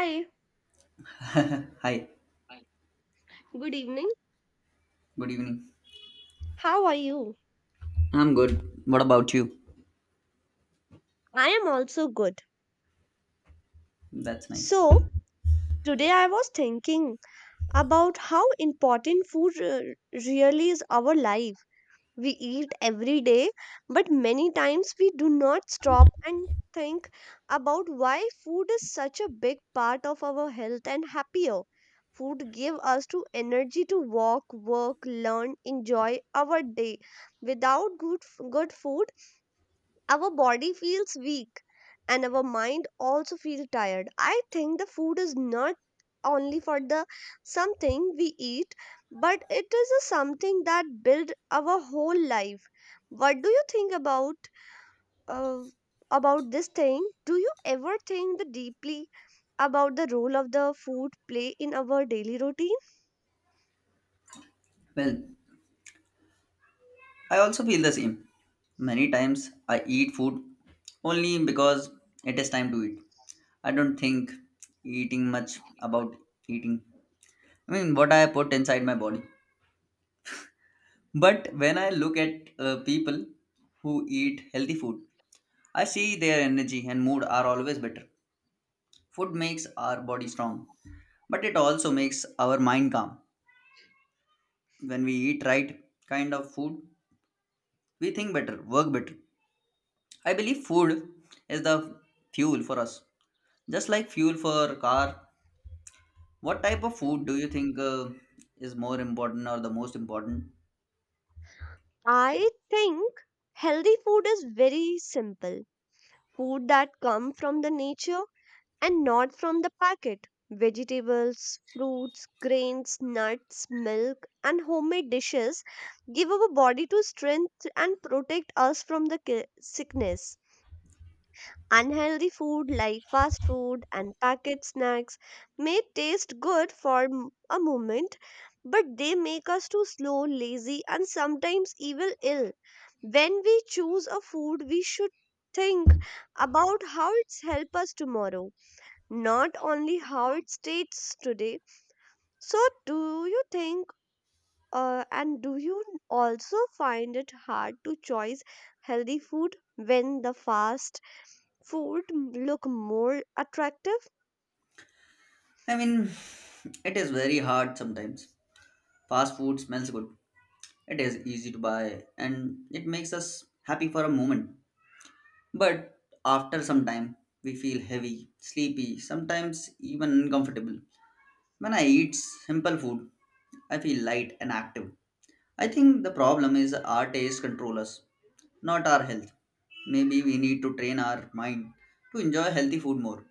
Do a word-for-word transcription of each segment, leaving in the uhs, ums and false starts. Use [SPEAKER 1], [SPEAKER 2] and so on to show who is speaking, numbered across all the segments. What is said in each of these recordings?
[SPEAKER 1] Hi,
[SPEAKER 2] Hi,
[SPEAKER 1] good evening.
[SPEAKER 2] good evening.
[SPEAKER 1] How are you?
[SPEAKER 2] I'm good. What about you?
[SPEAKER 1] I am also good.
[SPEAKER 2] That's nice.
[SPEAKER 1] So, today I was thinking about how important food re- really is our life. We eat every day, but many times we do not stop and think about why food is such a big part of our health and happier. Food give us to energy to walk, work, learn, enjoy our day. Without good f- good food, our body feels weak and our mind also feels tired. I think the food is not only for the something we eat but it is a something that build our whole life. What do you think about uh, about this thing? Do you ever think the deeply about the role of the food play in our daily routine?
[SPEAKER 2] Well, I also feel the same. Many times I eat food only because it is time to eat. I don't think eating much about eating. I mean, what I put inside my body. But when I look at uh, people who eat healthy food, I see their energy and mood are always better. Food makes our body strong, but it also makes our mind calm. When we eat right kind of food, we think better, work better. I believe food is the fuel for us, just like fuel for car. What type of food do you think uh, is more important or the most important?
[SPEAKER 1] I think healthy food is very simple, food that come from the nature and not from the packet. Vegetables, fruits, grains, nuts, milk, and homemade dishes give our body to strength and protect us from the ki- sickness. Unhealthy food like fast food and packet snacks may taste good for m- a moment, but they make us too slow, lazy, and sometimes even ill. When we choose a food, we should think about how it's help us tomorrow, not only how it states today. So, do you think uh, and do you also find it hard to choose healthy food when the fast food m- look more attractive?
[SPEAKER 2] I mean, it is very hard sometimes. Fast food smells good. It is easy to buy and it makes us happy for a moment. But after some time, we feel heavy, sleepy, sometimes even uncomfortable. When I eat simple food, I feel light and active. I think the problem is our taste control us, not our health. Maybe we need to train our mind to enjoy healthy food more.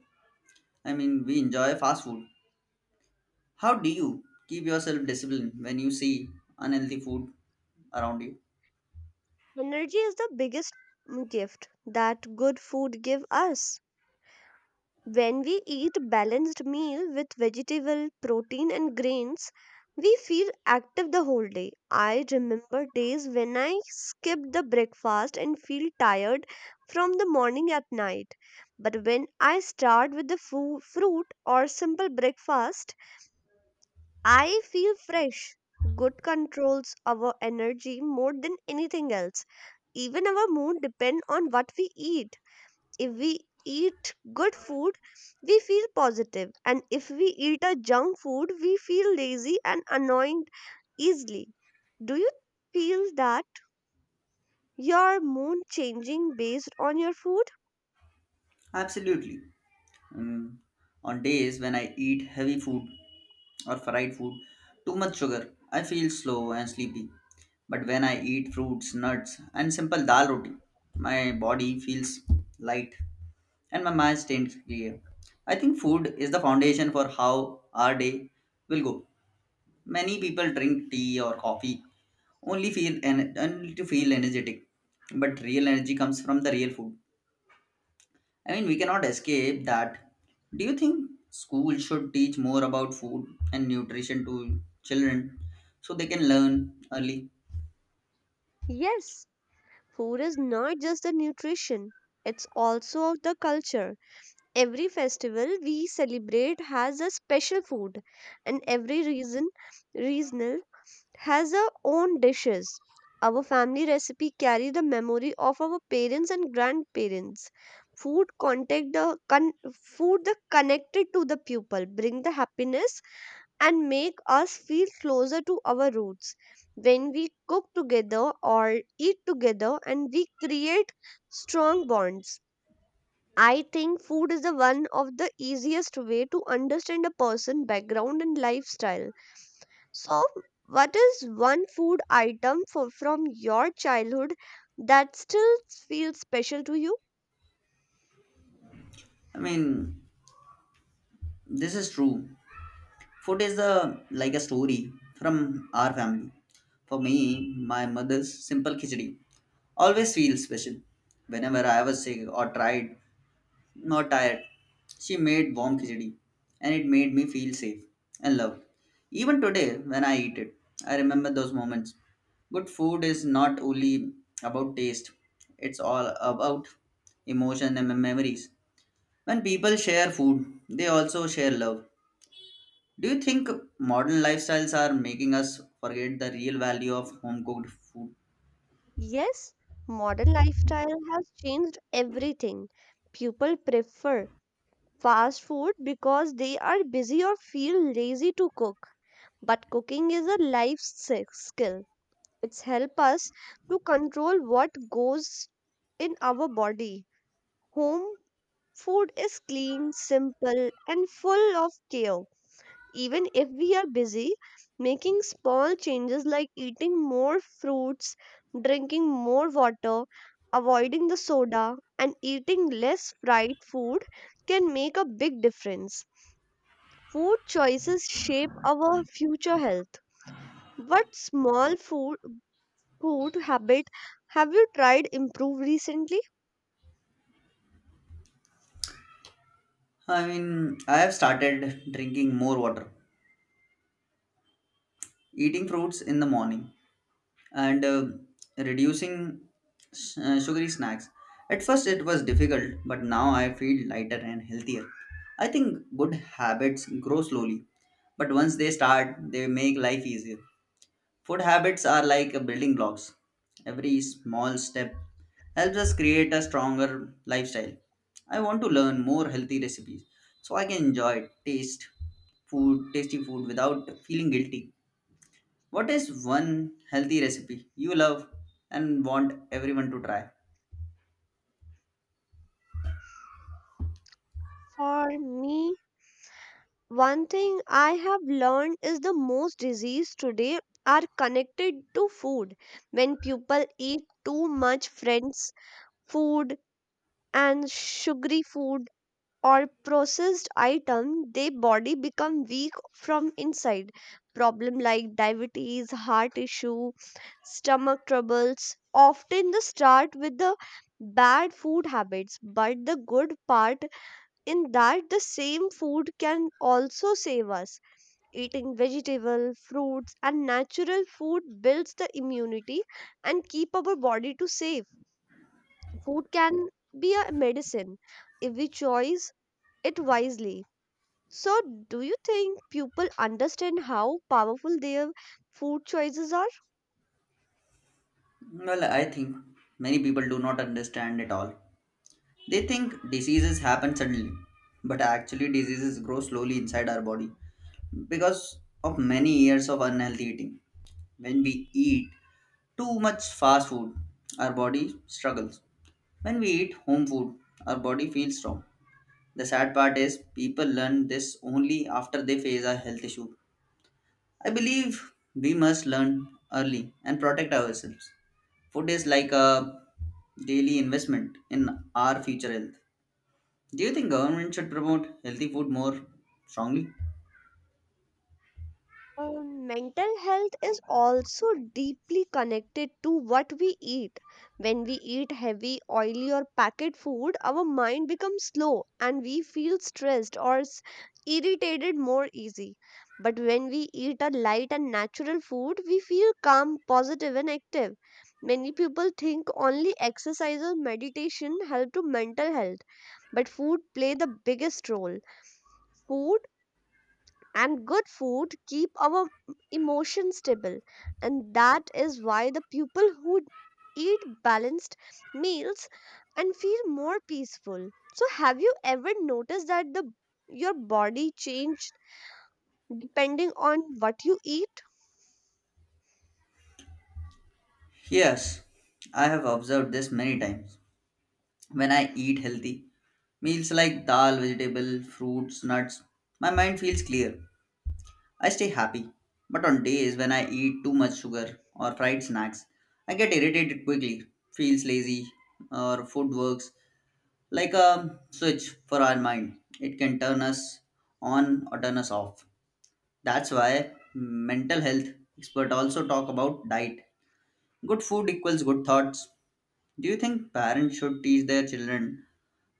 [SPEAKER 2] I mean, we enjoy fast food. How do you keep yourself disciplined when you see unhealthy food around you?
[SPEAKER 1] Energy is the biggest mm, gift that good food give us. When we eat balanced meal with vegetable, protein and grains, we feel active the whole day. I remember days when I skipped the breakfast and feel tired from the morning at night. But when I start with the fu- fruit or simple breakfast, I feel fresh. Good controls our energy more than anything else. Even our mood depend on what we eat. If we eat good food, we feel positive, and if we eat a junk food, we feel lazy and annoyed easily. Do you feel that your mood changing based on your food?
[SPEAKER 2] Absolutely. Mm, on days when I eat heavy food, or fried food, too much sugar, I feel slow and sleepy. But when I eat fruits, nuts, and simple dal roti, my body feels light and my mind stays clear. I think food is the foundation for how our day will go. Many people drink tea or coffee only feel en- only to feel energetic, but real energy comes from the real food. I mean, we cannot escape that. Do you think school should teach more about food and nutrition to children so they can learn early?
[SPEAKER 1] Yes, food is not just the nutrition. It's also of the culture. Every festival we celebrate has a special food, and every reason, regional has our own dishes. Our family recipe carry the memory of our parents and grandparents. Food contact the con- food the connected to the people, bring the happiness and make us feel closer to our roots. When we cook together or eat together and we create strong bonds. I think food is the one of the easiest way to understand a person background and lifestyle. So, what is one food item for, from your childhood that still feels special to you?
[SPEAKER 2] I mean, this is true. Food is the like a story from our family. For me, my mother's simple khichdi always feels special. Whenever I was sick or tried not tired. She made warm khichdi and it made me feel safe and loved. Even today, when I eat it, I remember those moments. Good food is not only about taste, it's all about emotion and memories. When people share food, they also share love. Do you think modern lifestyles are making us forget the real value of home cooked food?
[SPEAKER 1] Yes, modern lifestyle has changed everything. People prefer fast food because they are busy or feel lazy to cook. But cooking is a life s- skill. It's help us to control what goes in our body. Home food is clean, simple, and full of care. Even if we are busy, making small changes like eating more fruits, drinking more water, avoiding the soda, and eating less fried food can make a big difference. Food choices shape our future health. What small food Food habit have you tried improve recently?
[SPEAKER 2] I mean, I have started drinking more water, eating fruits in the morning, and um reducing s- uh, sugary snacks. At first, it was difficult, but now I feel lighter and healthier. I think good habits grow slowly, but once they start, they make life easier. Food habits are like a building blocks. Every small step helps us create a stronger lifestyle. I want to learn more healthy recipes so I can enjoy taste food, tasty food without feeling guilty. What is one healthy recipe you love and want everyone to try?
[SPEAKER 1] For me, one thing I have learned is the most disease today are connected to food. When people eat too much friends food and sugary food or processed item, their body become weak from inside. Problem like diabetes, heart issue, stomach troubles often the start with the bad food habits, but the good part in that the same food can also save us. Eating vegetable, fruits and natural food builds the immunity and keep our body to safe. Food can be a medicine if we choose it wisely. So, do you think people understand how powerful their food choices are?
[SPEAKER 2] Well, I think many people do not understand at all. They think diseases happen suddenly, but actually, diseases grow slowly inside our body because of many years of unhealthy eating. When we eat too much fast food, our body struggles. When we eat home food, our body feels strong. The sad part is people learn this only after they face a health issue. I believe we must learn early and protect ourselves. Food is like a daily investment in our future health. Do you think government should promote healthy food more strongly?
[SPEAKER 1] Uh, mental health is also deeply connected to what we eat. When we eat heavy, oily, or packet food, our mind becomes slow and we feel stressed or s- irritated more easy. But when we eat a light and natural food, we feel calm, positive, and active. Many people think only exercise or meditation help to mental health, but food play the biggest role. Food and Good food keep our emotions stable, and that is why the people who eat balanced meals and feel more peaceful. So have you ever noticed that the your body changed depending on what you eat?
[SPEAKER 2] Yes, I have observed this many times. When I eat healthy meals like dal, vegetable, fruits, nuts, my mind feels clear. I stay happy. But on days when I eat too much sugar or fried snacks, I get irritated quickly, feels lazy, or food works like a switch for our mind. It can turn us on or turn us off. That's why mental health experts also talk about diet. Good food equals good thoughts. Do you think parents should teach their children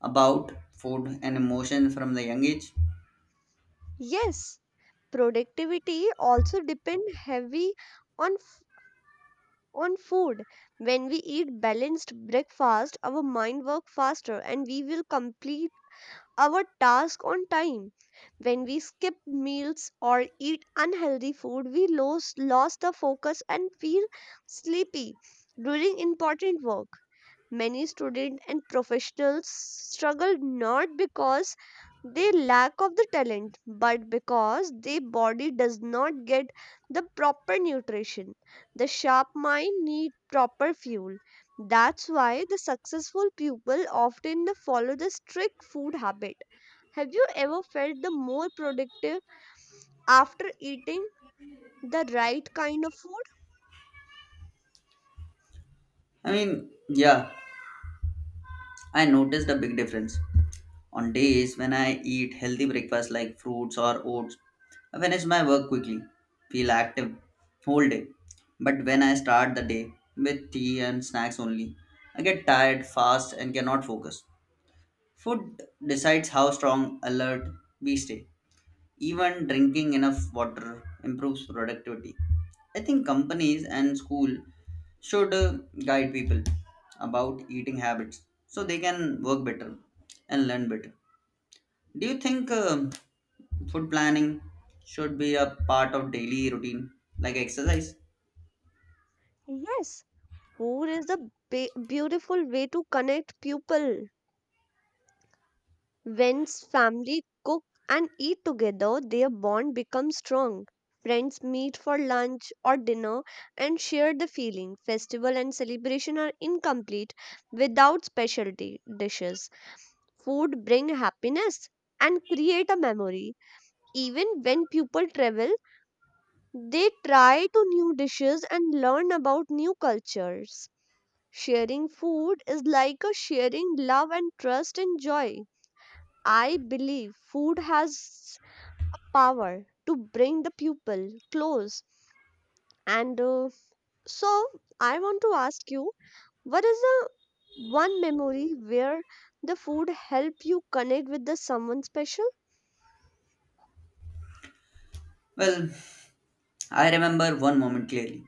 [SPEAKER 2] about food and emotion from the young age?
[SPEAKER 1] Yes, productivity also depend heavy on on food. When we eat balanced breakfast, our mind work faster and we will complete our task on time. When we skip meals or eat unhealthy food, we lose lost the focus and feel sleepy during important work. Many students and professionals struggle not because they lack of the talent but because their body does not get the proper nutrition. The sharp mind need proper fuel. That's why the successful people often the follow the strict food habit. Have you ever felt the more productive after eating the right kind of food?
[SPEAKER 2] I mean, yeah, I noticed a big difference. On days when I eat healthy breakfast like fruits or oats, I finish my work quickly, feel active whole day. But when I start the day with tea and snacks only, I get tired fast and cannot focus. Food decides how strong alert we stay. Even drinking enough water improves productivity. I think companies and school should uh, guide people about eating habits so they can work better and learn better. Do you think um, food planning should be a part of daily routine like exercise?
[SPEAKER 1] Yes, food is a be- beautiful way to connect people. When family cook and eat together, their bond becomes strong. Friends meet for lunch or dinner and share the feeling. Festival and celebration are incomplete without specialty dishes. Food bring happiness and create a memory. Even when people travel, they try to new dishes and learn about new cultures. Sharing food is like a sharing love and trust and joy. I believe food has a power to bring the people close. And uh, so I want to ask you, what is the one memory where the food help you connect with the someone special?
[SPEAKER 2] Well, I remember one moment clearly.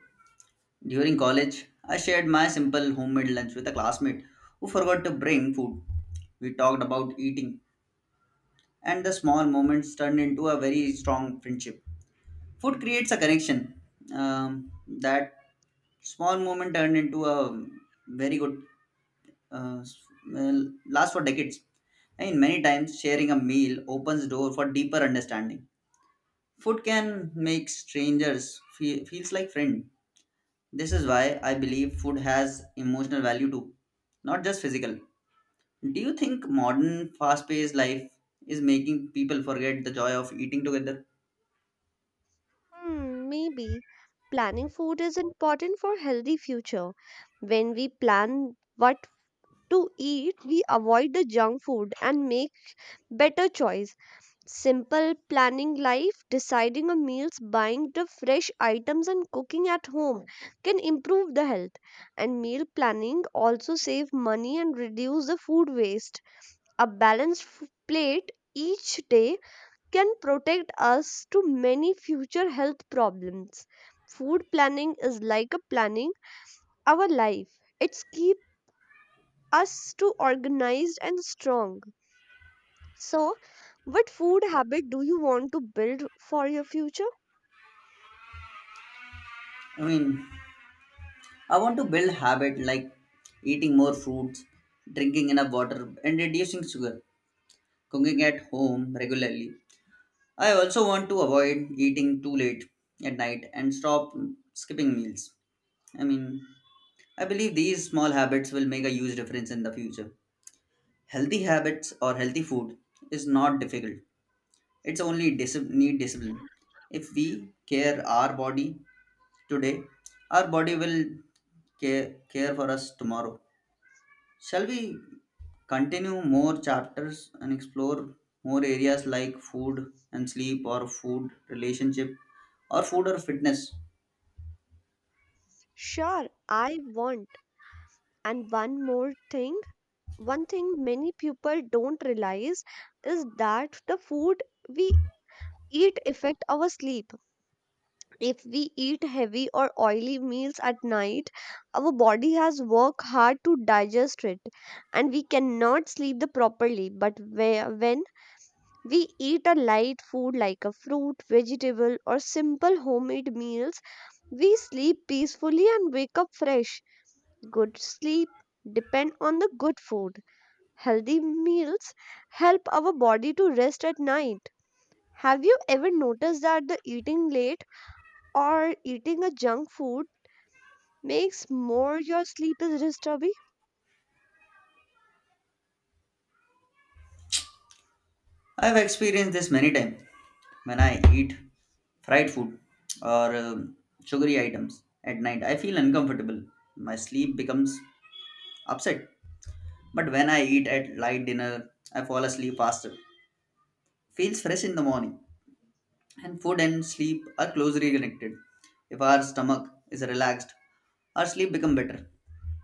[SPEAKER 2] During college, I shared my simple homemade lunch with a classmate who forgot to bring food. We talked about eating, and the small moments turned into a very strong friendship. Food creates a connection. Um, that small moment turned into a very good, uh, well, last for decades. And many times, sharing a meal opens door for deeper understanding. Food can make strangers feel feels like friend. This is why I believe food has emotional value too, not just physical. Do you think modern fast-paced life is making people forget the joy of eating together?
[SPEAKER 1] Hmm, maybe planning food is important for healthy future. When we plan what to eat, we avoid the junk food and make better choice. Simple planning life, deciding on meals, buying the fresh items, and cooking at home can improve the health. And meal planning also save money and reduce the food waste. A balanced f- plate each day can protect us to many future health problems. Food planning is like a planning our life. It's keep us to organized and strong. So, what food habit do you want to build for your future?
[SPEAKER 2] I mean, I want to build habit like eating more fruits, drinking enough water, and reducing sugar, cooking at home regularly. I also want to avoid eating too late at night and stop skipping meals. I mean, I believe these small habits will make a huge difference in the future. Healthy habits or healthy food is not difficult. It's only dis- need discipline. If we care our body today, our body will care, care for us tomorrow. Shall we continue more chapters and explore more areas like food and sleep or food relationship or food or fitness?
[SPEAKER 1] Sure, I want. And one more thing, one thing many people don't realize is that the food we eat affect our sleep. If we eat heavy or oily meals at night, our body has worked hard to digest it and we cannot sleep the properly. But where, when we eat a light food like a fruit, vegetable or simple homemade meals, we sleep peacefully and wake up fresh. Good sleep depend on the good food. Healthy meals help our body to rest at night. Have you ever noticed that the eating late or eating a junk food makes more your sleep is disturbing?
[SPEAKER 2] I've experienced this many times when I eat fried food or um, sugary items at night. I feel uncomfortable. My sleep becomes upset. But when I eat at light dinner, I fall asleep faster. Feels fresh in the morning. And food and sleep are closely connected. If our stomach is relaxed, our sleep become better.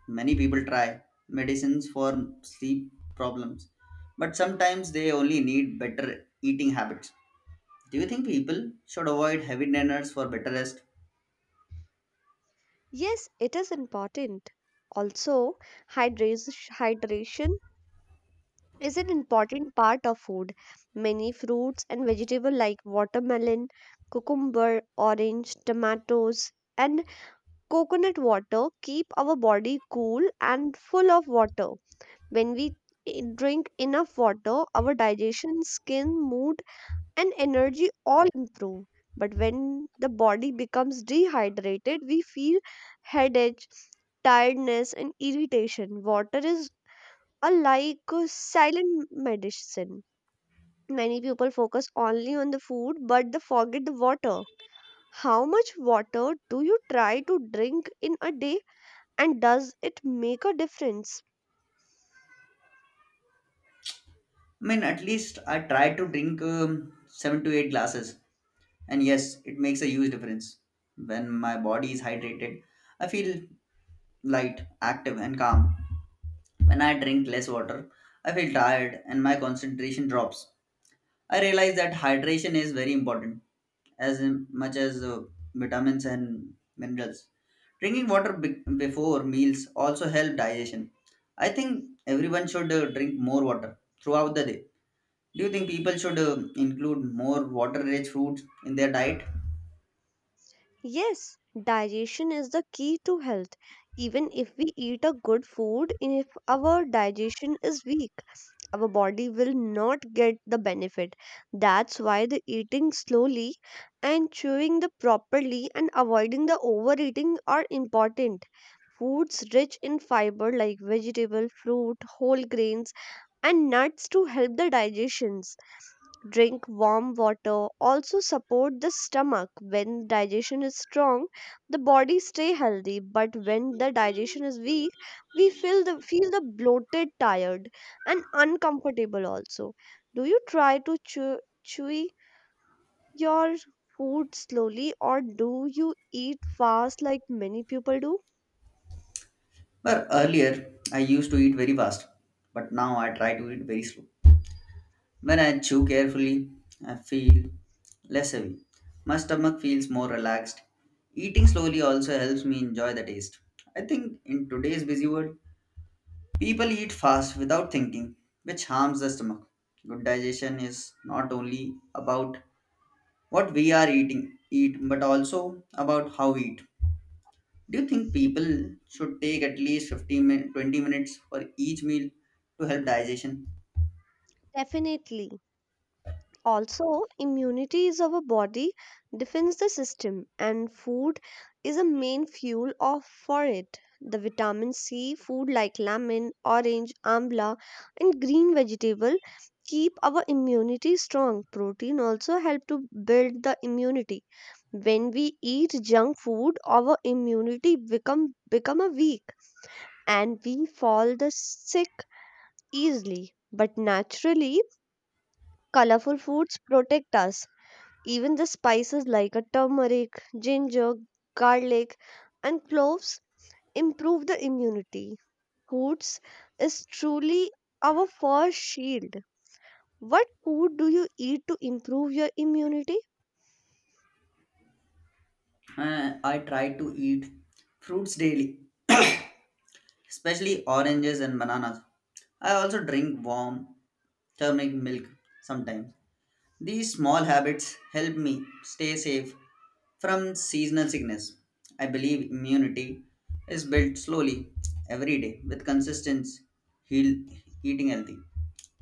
[SPEAKER 2] Many people try medicines for sleep problems, but sometimes they only need better eating habits. Do you think people should avoid heavy dinners for better rest?
[SPEAKER 1] Yes, it is important. Also, hydras- hydration is an important part of food. Many fruits and vegetables like watermelon, cucumber, orange, tomatoes, and coconut water keep our body cool and full of water. When we i- drink enough water, our digestion, skin, mood and energy all improve. But when the body becomes dehydrated, we feel headache, tiredness and irritation. Water is a like a silent medicine. Many people focus only on the food but they forget the water. How much water do you try to drink in a day? And does it make a difference?
[SPEAKER 2] I mean, at least I try to drink um, seven to eight glasses, and yes, it makes a huge difference. When my body is hydrated, I feel light, active, and calm. When I drink less water, I feel tired and my concentration drops. I realize that hydration is very important, as in- much as uh, vitamins and minerals. Drinking water be- before meals also help digestion. I think everyone should uh, drink more water throughout the day. Do you think people should uh, include more water-rich foods in their diet?
[SPEAKER 1] Yes, digestion is the key to health. Even if we eat a good food, if our digestion is weak, our body will not get the benefit. That's why the eating slowly and chewing the properly and avoiding the overeating are important. Foods rich in fiber like vegetable, fruit, whole grains and nuts to help the digestion. Drink warm water also support the stomach. When digestion is strong, the body stay healthy, but when the digestion is weak, we feel the feel the bloated, tired and uncomfortable also. Do you try to chew, chew your food slowly or do you eat fast like many people do?
[SPEAKER 2] But earlier, I used to eat very fast, but now I try to eat very slow. When I chew carefully, I feel less heavy. My stomach feels more relaxed. Eating slowly also helps me enjoy the taste. I think in today's busy world, people eat fast without thinking, which harms the stomach. Good digestion is not only about what we are eating, eat, but also about how we eat. Do you think people should take at least fifteen min- twenty minutes for each meal to help digestion?
[SPEAKER 1] Definitely. Also, immunity is our body defends the system, and food is a main fuel of, for it. The vitamin C food like lemon, orange, amla, and green vegetable keep our immunity strong. Protein also help to build the immunity. When we eat junk food, our immunity become become a weak, and we fall the sick easily. But naturally, colorful foods protect us. Even the spices like a turmeric, ginger, garlic, and cloves improve the immunity. Foods is truly our first shield. What food do you eat to improve your immunity?
[SPEAKER 2] Uh, I try to eat fruits daily, especially oranges and bananas. I also drink warm turmeric milk sometimes. These small habits help me stay safe from seasonal sickness. I believe immunity is built slowly every day with consistent heal, eating healthy.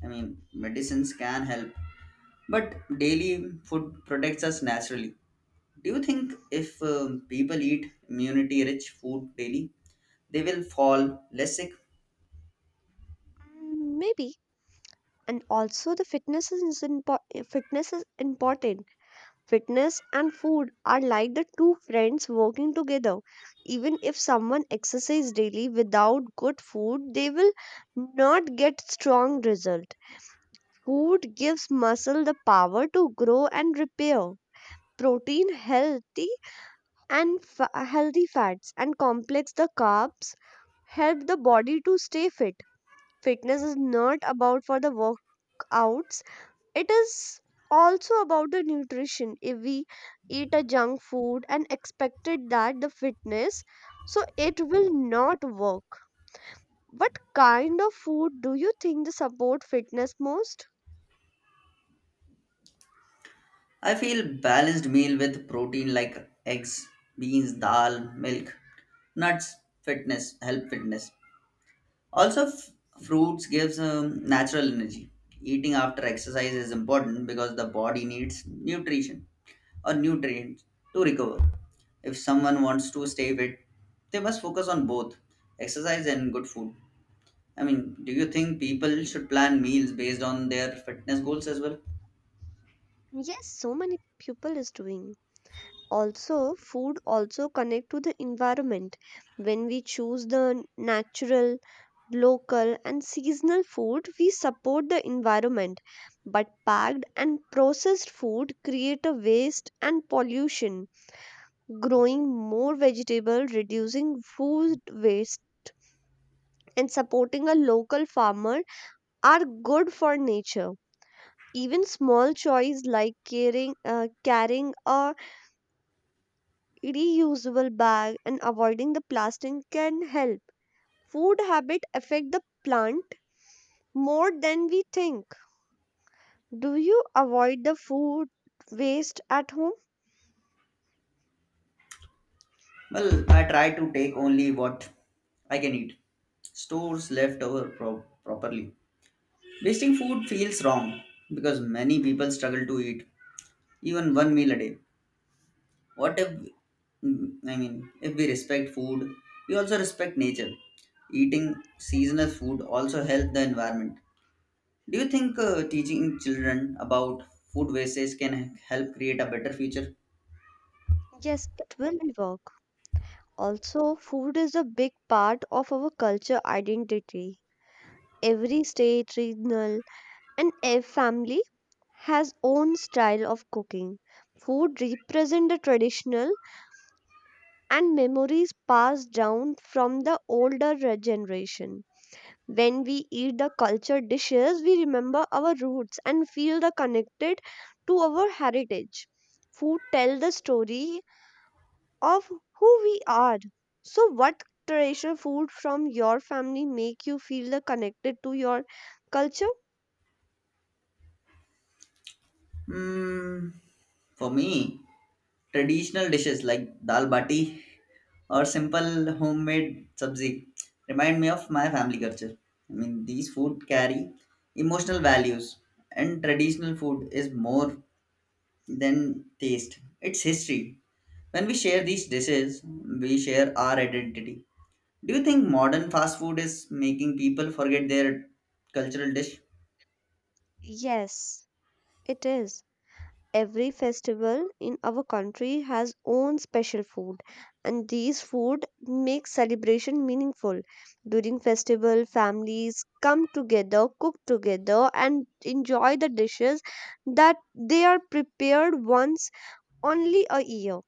[SPEAKER 2] I mean, medicines can help, but daily food protects us naturally. Do you think if um, people eat immunity rich food daily, they will fall less sick?
[SPEAKER 1] Mm, maybe. And also the fitness is important. Fitness is important. Fitness and food are like the two friends working together. Even if someone exercises daily without good food, they will not get strong result. Food gives muscle the power to grow and repair. Protein, healthy and fa- healthy fats, and complex the carbs help the body to stay fit. Fitness is not about for the workouts. It is also about the nutrition. If we eat a junk food and expected that the fitness, so it will not work. What kind of food do you think the support fitness most?
[SPEAKER 2] I feel balanced meal with protein like eggs, beans, dal, milk, nuts, fitness, help fitness. Also, f- fruits gives um, natural energy. Eating after exercise is important because the body needs nutrition or nutrients to recover. If someone wants to stay fit, they must focus on both exercise and good food. I mean, do you think people should plan meals based on their fitness goals as well?
[SPEAKER 1] Yes, so many people is doing. Also food also connect to the environment. When we choose the natural, local and seasonal food, we support the environment, but packed and processed food create a waste and pollution. Growing more vegetable, reducing food waste and supporting a local farmer are good for nature. Even small choice like caring uh, carrying a reusable bag and avoiding the plastic can help. Food habit affect the plant more than we think. Do you avoid the food waste at home?
[SPEAKER 2] Well, I try to take only what I can eat. Stores left over pro- properly. Wasting food feels wrong because many people struggle to eat even one meal a day. What if, mm, I mean, if we respect food, we also respect nature. Eating seasonal food also helps the environment. Do you think uh, teaching children about food wastage can help create a better future?
[SPEAKER 1] Yes, it will work. Also, food is a big part of our culture identity. Every state, regional, and every family has own style of cooking. Food represent the traditional and memories passed down from the older re- generation. When we eat the cultured dishes, we remember our roots and feel the connected to our heritage. Food tell the story of who we are. So what traditional food from your family make you feel the connected to your culture?
[SPEAKER 2] Hmm, for me, traditional dishes like dal bati or simple homemade sabzi remind me of my family culture. I mean, these food carry emotional values, and traditional food is more than taste, it's history. When we share these dishes, we share our identity. Do you think modern fast food is making people forget their cultural dish?
[SPEAKER 1] Yes, it is. Every festival in our country has own special food, and these food make celebration meaningful. During festival, families come together, cook together and enjoy the dishes that they are prepared once only a year.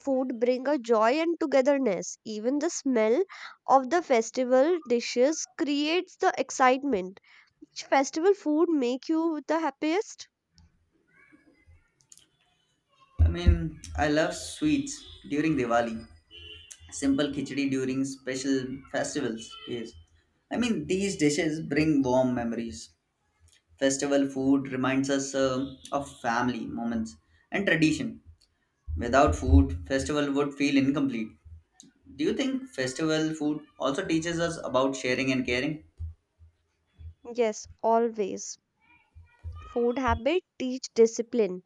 [SPEAKER 1] Food bring a joy and togetherness. Even the smell of the festival dishes creates the excitement. Which festival food make you the happiest?
[SPEAKER 2] I mean, I love sweets during Diwali, simple khichdi during special festivals. Yes. I mean, these dishes bring warm memories. Festival food reminds us uh, of family moments and tradition. Without food, festival would feel incomplete. Do you think festival food also teaches us about sharing and caring?
[SPEAKER 1] Yes, always. Food habit teach discipline.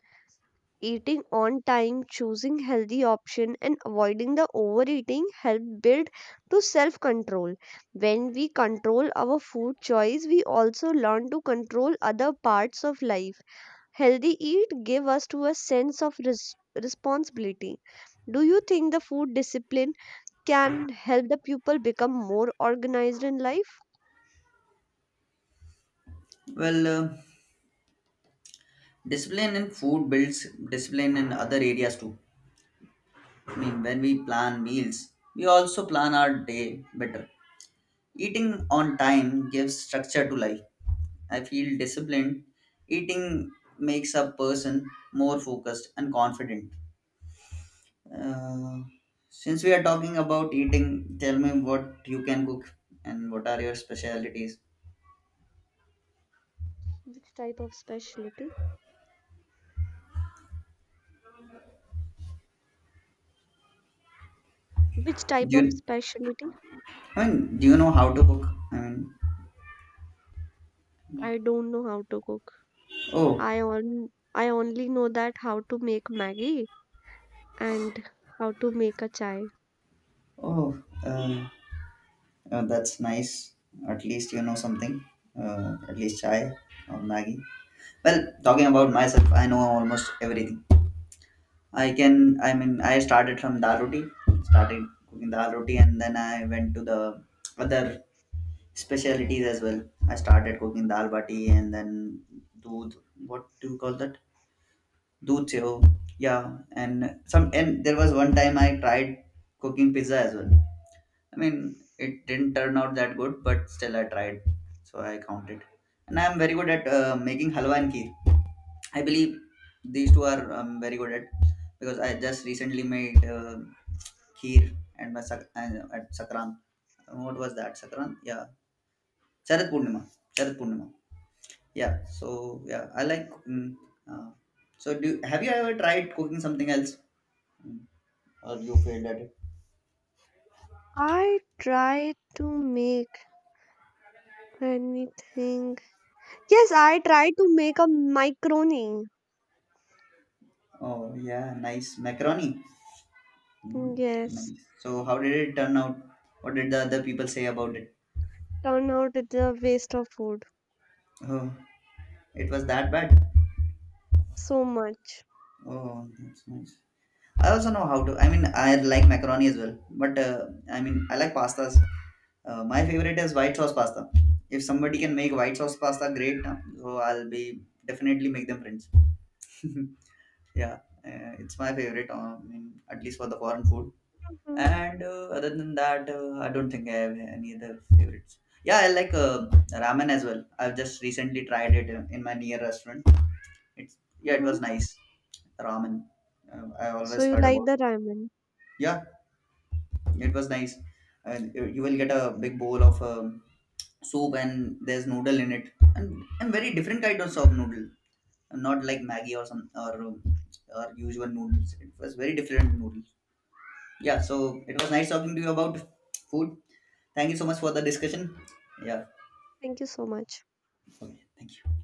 [SPEAKER 1] Eating on time, choosing healthy option and avoiding the overeating help build to self-control. When we control our food choice, we also learn to control other parts of life. Healthy eat give us to a sense of res- responsibility. Do you think the food discipline can help the pupil become more organized in life?
[SPEAKER 2] Well, uh, discipline in food builds discipline in other areas too. I mean, when we plan meals, we also plan our day better. Eating on time gives structure to life. I feel disciplined. Eating makes a person more focused and confident. Uh, since we are talking about eating, tell me what you can cook and what are your specialities.
[SPEAKER 1] Which type of specialty? Which type
[SPEAKER 2] Do
[SPEAKER 1] of
[SPEAKER 2] you,
[SPEAKER 1] specialty?
[SPEAKER 2] I mean, do you know how to cook? I mean,
[SPEAKER 1] I don't know how to cook.
[SPEAKER 2] oh,
[SPEAKER 1] I on I only know that how to make Maggie and how to make a chai.
[SPEAKER 2] oh, um, uh, oh, that's nice. At least you know something. Uh, at least chai or Maggie. Well, talking about myself, I know almost everything. I can, I mean, I started from dal roti, started cooking dal roti, and then I went to the other specialties as well. I started cooking dal bati and then dood. What do you call that? Dood seho. Yeah, and some, and there was one time I tried cooking pizza as well. I mean, it didn't turn out that good, but still I tried, so I counted. And I'm very good at uh, making halwa and kheer. I believe these two are um, very good at because I just recently made uh, kheer and my sak- and uh, at Sakran. What was that? Sakran? Yeah, Sharad Purnima. Sharad Purnima. Yeah. So yeah, I like cooking. Uh, so do have you ever tried cooking something else, Mm, or you failed at it?
[SPEAKER 1] I try to make anything. Yes, I try to make a macaroni.
[SPEAKER 2] Oh yeah, nice macaroni. Mm,
[SPEAKER 1] Yes,
[SPEAKER 2] nice. So how did it turn out? What did the other people say about it?
[SPEAKER 1] turn out it's a waste of food.
[SPEAKER 2] Oh, it was that bad.
[SPEAKER 1] So much.
[SPEAKER 2] Oh, that's nice. I also know how to. I mean, I like macaroni as well, but uh, I mean, I like pastas. Uh, my favorite is white sauce pasta. If somebody can make white sauce pasta, great. Na. So I'll be definitely make them friends. Yeah, uh, it's my favorite. uh, I mean, at least for the foreign food.
[SPEAKER 1] Mm-hmm.
[SPEAKER 2] And uh, other than that, uh, I don't think I have any other favorites. Yeah, I like uh, ramen as well. I've just recently tried it in in my near restaurant. It's yeah, it
[SPEAKER 1] Mm-hmm.
[SPEAKER 2] was nice ramen. Uh, I
[SPEAKER 1] So
[SPEAKER 2] always
[SPEAKER 1] you
[SPEAKER 2] heard
[SPEAKER 1] like
[SPEAKER 2] about.
[SPEAKER 1] the ramen?
[SPEAKER 2] Yeah, it was nice. And you will get a big bowl of um, soup and there's noodle in it, and and very different kinds of of noodle, not like Maggie or some or um, or usual noodles. It was very different noodles. Yeah, so it was nice talking to you about food. Thank you so much for the discussion. Yeah.
[SPEAKER 1] Thank you so much.
[SPEAKER 2] Okay. Thank you.